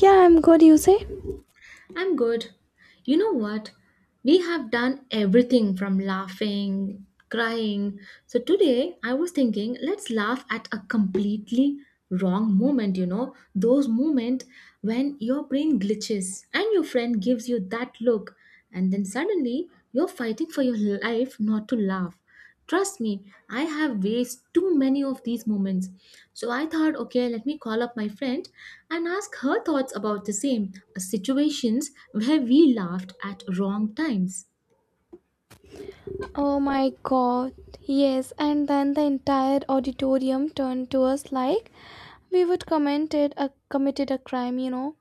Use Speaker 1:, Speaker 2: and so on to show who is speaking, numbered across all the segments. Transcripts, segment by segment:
Speaker 1: Yeah, I'm good, you say?
Speaker 2: I'm good. You know what? We have done everything from laughing, crying. So today I was thinking, let's laugh at a completely wrong moment, you know, those moments when your brain glitches and your friend gives you that look, and then suddenly you're fighting for your life not to laugh. Trust me, I have wasted too many of these moments. So I thought, okay, let me call up my friend and ask her thoughts about the same situations where we laughed at wrong times.
Speaker 1: Oh my god, yes. And then the entire auditorium turned to us like we would commented a committed a crime, you know.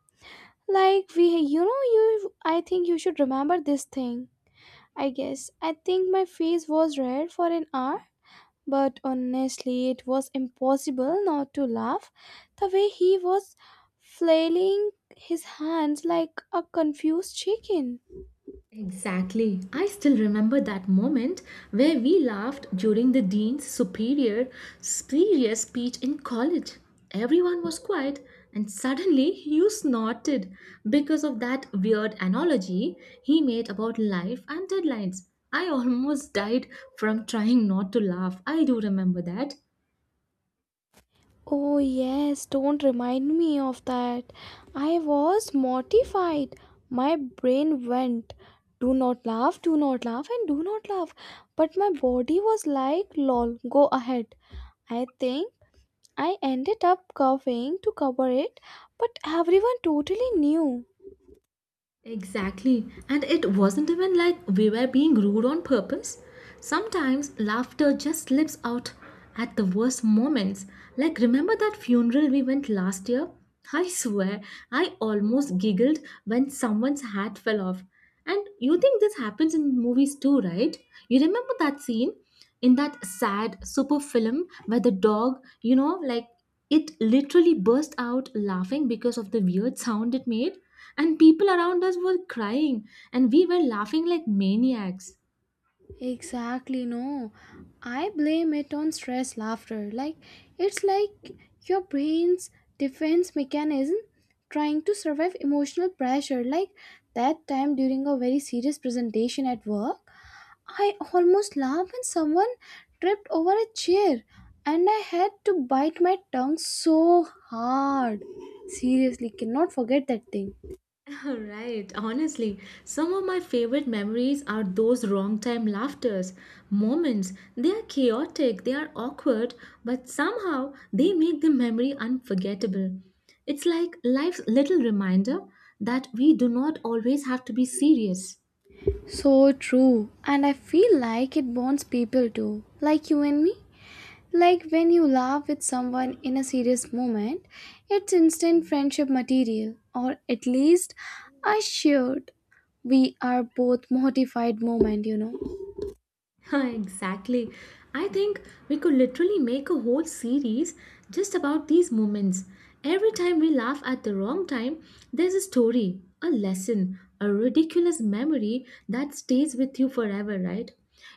Speaker 1: Like we you know you I think you should remember this thing. I guess I think my face was red for an hour, but honestly it was impossible not to laugh the way he was flailing his hands like a confused chicken.
Speaker 2: Exactly. I still remember that moment where we laughed during the dean's superior speech in college. Everyone was quiet and suddenly you snorted because of that weird analogy he made about life and deadlines. I almost died from trying not to laugh. I do remember that.
Speaker 1: Oh, yes, don't remind me of that. I was mortified. My brain went, do not laugh, and do not laugh. But my body was like, lol, go ahead. I think I ended up coughing to cover it, but everyone totally knew.
Speaker 2: Exactly. And it wasn't even like we were being rude on purpose. Sometimes laughter just slips out at the worst moments. Like, remember that funeral we went last year? I swear, I almost giggled when someone's hat fell off. And you think this happens in movies too, right? You remember that scene in that sad super film where the dog, you know, like it literally burst out laughing because of the weird sound it made? And people around us were crying and we were laughing like maniacs.
Speaker 1: Exactly, no. I blame it on stress laughter. Like, it's like your brain's defense mechanism trying to survive emotional pressure. Like, that time during a very serious presentation at work, I almost laughed when someone tripped over a chair and I had to bite my tongue so hard. Seriously, cannot forget that thing.
Speaker 2: Right, honestly some of my favorite memories are those wrong time laughters moments. They are chaotic, they are awkward, but somehow they make the memory unforgettable. It's like life's little reminder that we do not always have to be serious.
Speaker 1: So true. And I feel like it bonds people too, like you and me. Like when you laugh with someone in a serious moment, it's instant friendship material, or at least I should. We are both mortified moment, you know.
Speaker 2: Exactly. I think we could literally make a whole series just about these moments. Every time we laugh at the wrong time, there's a story, a lesson, a ridiculous memory that stays with you forever, right?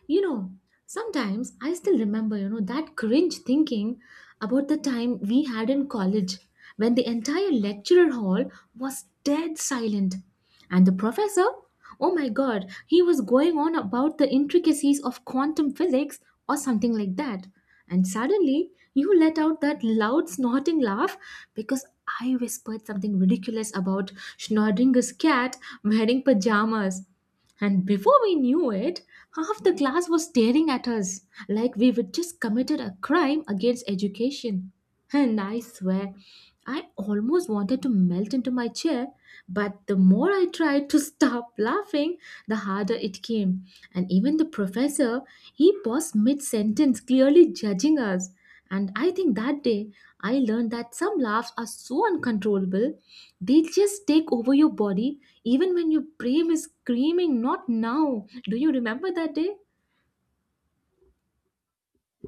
Speaker 2: You know, sometimes I still remember, you know, that cringe thinking about the time we had in college when the entire lecture hall was dead silent and the professor? Oh my god, he was going on about the intricacies of quantum physics or something like that. And suddenly, you let out that loud snorting laugh because I whispered something ridiculous about Schrodinger's cat wearing pajamas. And before we knew it, half the class was staring at us like we had just committed a crime against education. And I swear, I almost wanted to melt into my chair but the more I tried to stop laughing, the harder it came. And even the professor, he paused mid sentence, clearly judging us. And I think that day I learned that some laughs are so uncontrollable, they just take over your body even when your brain is screaming, not now. Do you remember that day?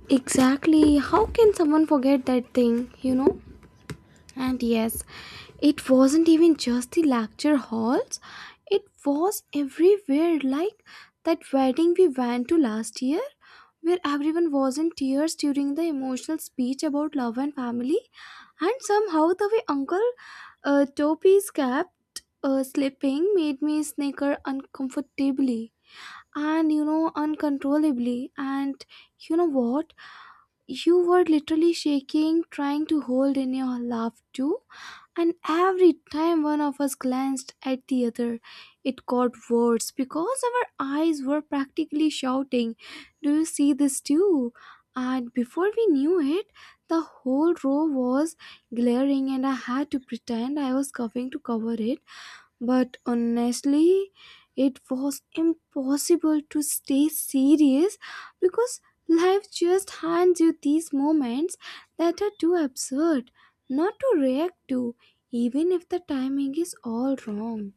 Speaker 1: Exactly. How can someone forget that thing, you know? And yes, it wasn't even just the lecture halls, it was everywhere, like that wedding we went to last year, where everyone was in tears during the emotional speech about love and family. And somehow, the way Uncle Topi's kept slipping made me snicker uncomfortably and you know uncontrollably. And you know what? You were literally shaking, trying to hold in your laugh too. And every time one of us glanced at the other, it got worse because our eyes were practically shouting, do you see this too? And before we knew it, the whole row was glaring, and I had to pretend I was coughing to cover it. But honestly, it was impossible to stay serious because life just hands you these moments that are too absurd not to react to, even if the timing is all wrong.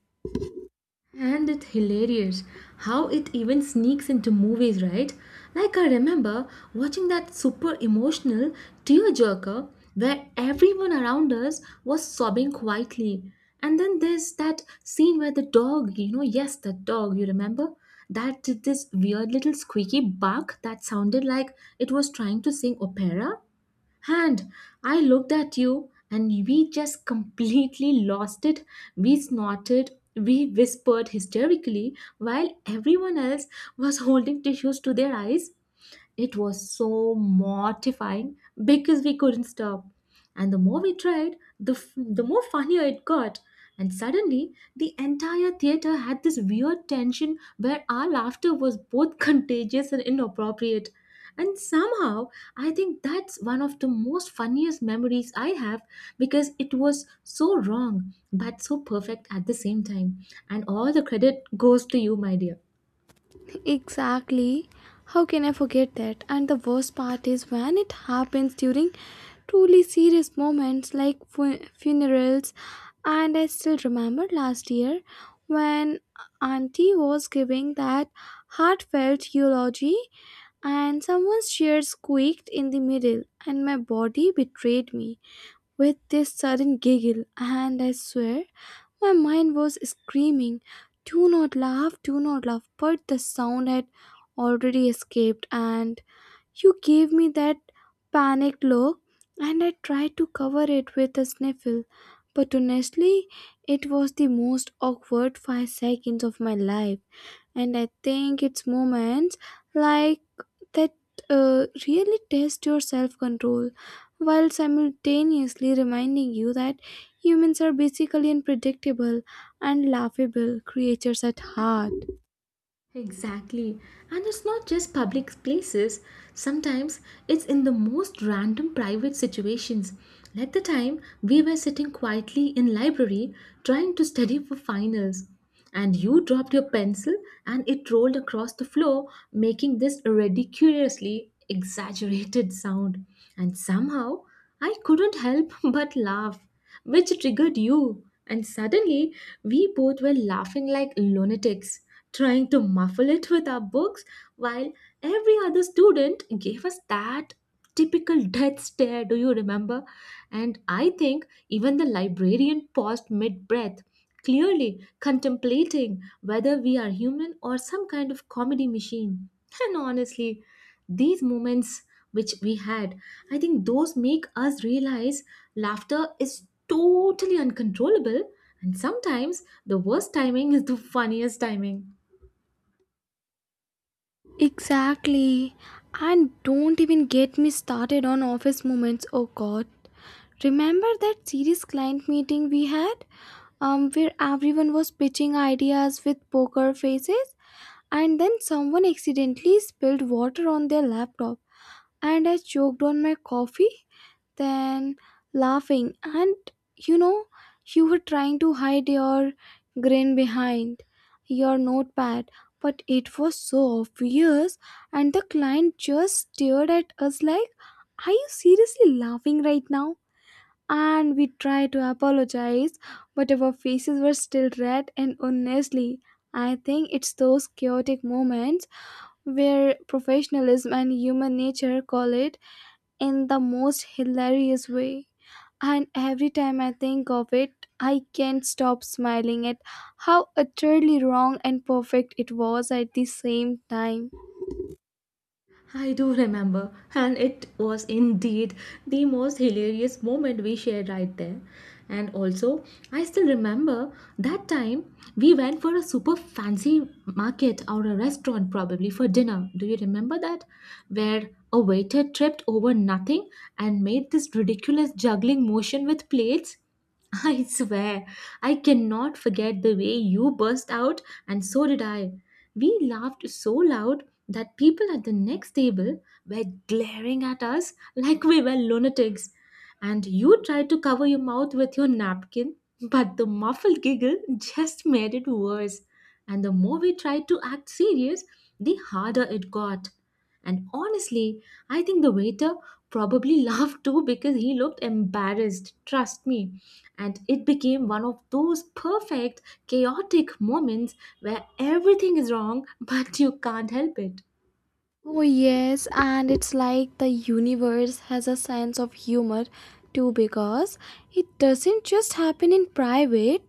Speaker 2: And it's hilarious how it even sneaks into movies, right? Like, I remember watching that super emotional tearjerker where everyone around us was sobbing quietly. And then there's that scene where the dog, you know, yes, that dog, you remember? That did this weird little squeaky bark that sounded like it was trying to sing opera. And I looked at you, and we just completely lost it. We snorted, we whispered hysterically, while everyone else was holding tissues to their eyes. It was so mortifying because we couldn't stop. And the more we tried, the more funnier it got. And suddenly, the entire theater had this weird tension where our laughter was both contagious and inappropriate. And somehow, I think that's one of the most funniest memories I have because it was so wrong but so perfect at the same time. And all the credit goes to you, my dear.
Speaker 1: Exactly. How can I forget that? And the worst part is when it happens during truly serious moments like funerals. And I still remember last year when Auntie was giving that heartfelt eulogy, and someone's chair squeaked in the middle, and my body betrayed me with this sudden giggle. And I swear my mind was screaming, do not laugh, do not laugh. But the sound had already escaped, and you gave me that panicked look, and I tried to cover it with a sniffle. But honestly, it was the most awkward 5 seconds of my life, and I think it's moments like that really test your self control while simultaneously reminding you that humans are basically unpredictable and laughable creatures at heart.
Speaker 2: Exactly. And it's not just public places. Sometimes it's in the most random private situations. Like the time we were sitting quietly in library trying to study for finals and you dropped your pencil and it rolled across the floor making this ridiculously exaggerated sound and somehow I couldn't help but laugh, which triggered you, and suddenly we both were laughing like lunatics trying to muffle it with our books, while every other student gave us that typical death stare. Do you remember? And I think even the librarian paused mid breath, clearly contemplating whether we are human or some kind of comedy machine. And honestly, these moments which we had, I think those make us realize laughter is totally uncontrollable, and sometimes the worst timing is the funniest timing.
Speaker 1: Exactly, and don't even get me started on office moments. Oh god, remember that serious client meeting we had where everyone was pitching ideas with poker faces. And then someone accidentally spilled water on their laptop, and I choked on my coffee, then laughing. And you know, you were trying to hide your grin behind your notepad, but it was so obvious, and the client just stared at us like, are you seriously laughing right now? And we tried to apologize, but our faces were still red, and honestly, I think it's those chaotic moments where professionalism and human nature collide in the most hilarious way. And every time I think of it, I can't stop smiling at how utterly wrong and perfect it was at the same time.
Speaker 2: I do remember, and it was indeed the most hilarious moment we shared right there. And also, I still remember that time we went for a super fancy market or a restaurant, probably for dinner. Do you remember that? Where a waiter tripped over nothing and made this ridiculous juggling motion with plates? I swear, I cannot forget the way you burst out, and so did I. We laughed so loud that people at the next table were glaring at us like we were lunatics. And you tried to cover your mouth with your napkin, but the muffled giggle just made it worse. And the more we tried to act serious, the harder it got. And honestly, I think the waiter probably laughed too because he looked embarrassed, trust me. And it became one of those perfect, chaotic moments where everything is wrong but you can't help it.
Speaker 1: Oh, yes, and it's like the universe has a sense of humor too because it doesn't just happen in private.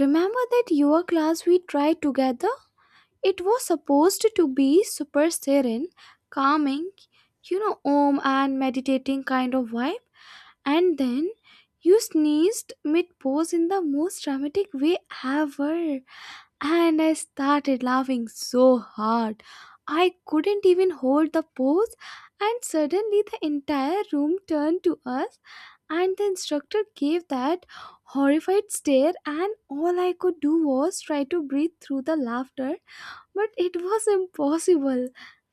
Speaker 1: Remember that yoga class we tried together? It was supposed to be super serene, calming, you know, om and meditating kind of vibe. And then you sneezed mid pose in the most dramatic way ever. And I started laughing so hard. I couldn't even hold the pose. And suddenly the entire room turned to us. And the instructor gave that horrified stare. And all I could do was try to breathe through the laughter, but it was impossible,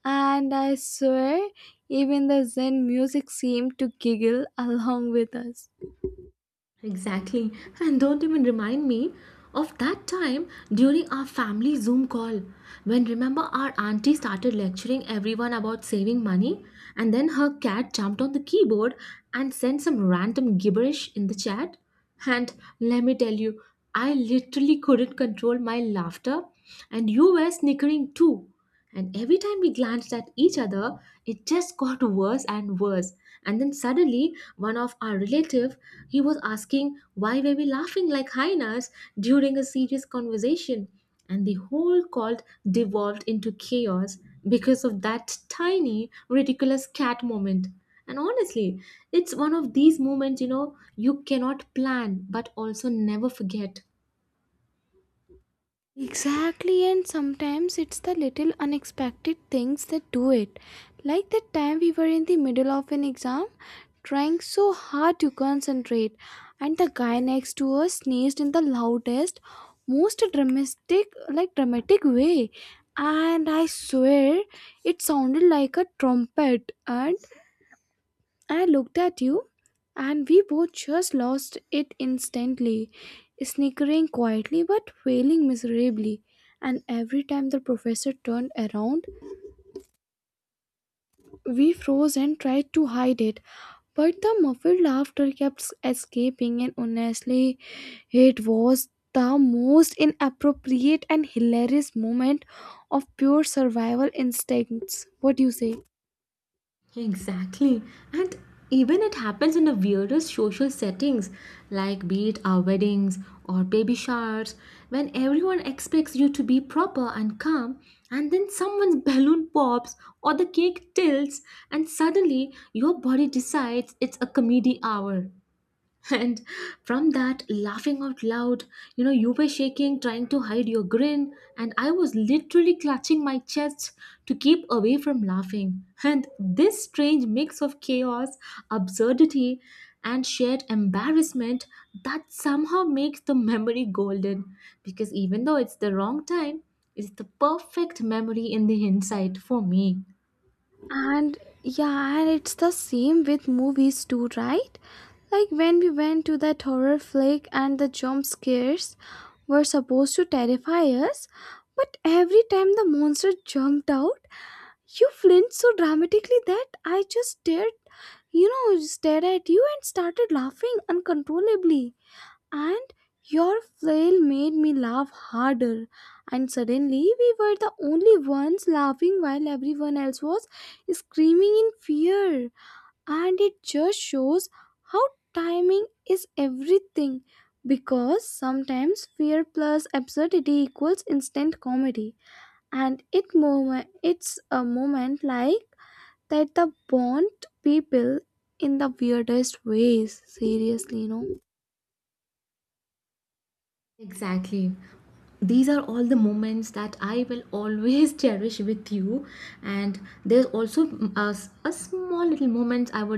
Speaker 1: and I swear, even the Zen music seemed to giggle along with us.
Speaker 2: Exactly. And don't even remind me of that time during our family Zoom call when remember our auntie started lecturing everyone about saving money and then her cat jumped on the keyboard and sent some random gibberish in the chat. And let me tell you, I literally couldn't control my laughter and you were snickering too. And every time we glanced at each other, it just got worse and worse. And then suddenly one of our relative he was asking why were we laughing like hyenas during a serious conversation and the whole call devolved into chaos because of that tiny ridiculous cat moment. And honestly, it's one of these moments, you know, you cannot plan but also never forget.
Speaker 1: Exactly, and sometimes it's the little unexpected things that do it. Like that time we were in the middle of an exam, trying so hard to concentrate, and the guy next to us sneezed in the loudest, most dramatic, like dramatic way. And I swear, it sounded like a trumpet, and I looked at you, and we both just lost it instantly, snickering quietly but failing miserably. And every time the professor turned around, we froze and tried to hide it. But the muffled laughter kept escaping, and honestly, it was the most inappropriate and hilarious moment of pure survival instincts. What do you say?
Speaker 2: Exactly. And even it happens in the weirdest social settings, like be it our weddings or baby showers, when everyone expects you to be proper and calm, and then someone's balloon pops or the cake tilts, and suddenly your body decides it's a comedy hour. And from that, laughing out loud, you know, you were shaking, trying to hide your grin, and I was literally clutching my chest to keep away from laughing. And this strange mix of chaos, absurdity, and shared embarrassment that somehow makes the memory golden. Because even though it's the wrong time, it's the perfect memory in the hindsight for me.
Speaker 1: And yeah, and it's the same with movies too, right? Like when we went to that horror flick and the jump scares were supposed to terrify us, but every time the monster jumped out, you flinched so dramatically that I just stared, you know, stared at you and started laughing uncontrollably. And your flail made me laugh harder, and suddenly we were the only ones laughing while everyone else was screaming in fear. And it just shows how timing is everything because sometimes fear plus absurdity equals instant comedy, and it's a moment like that the bond people in the weirdest ways. Seriously, you know.
Speaker 2: Exactly. These are all the moments that I will always cherish with you. And there's also a small little moment I would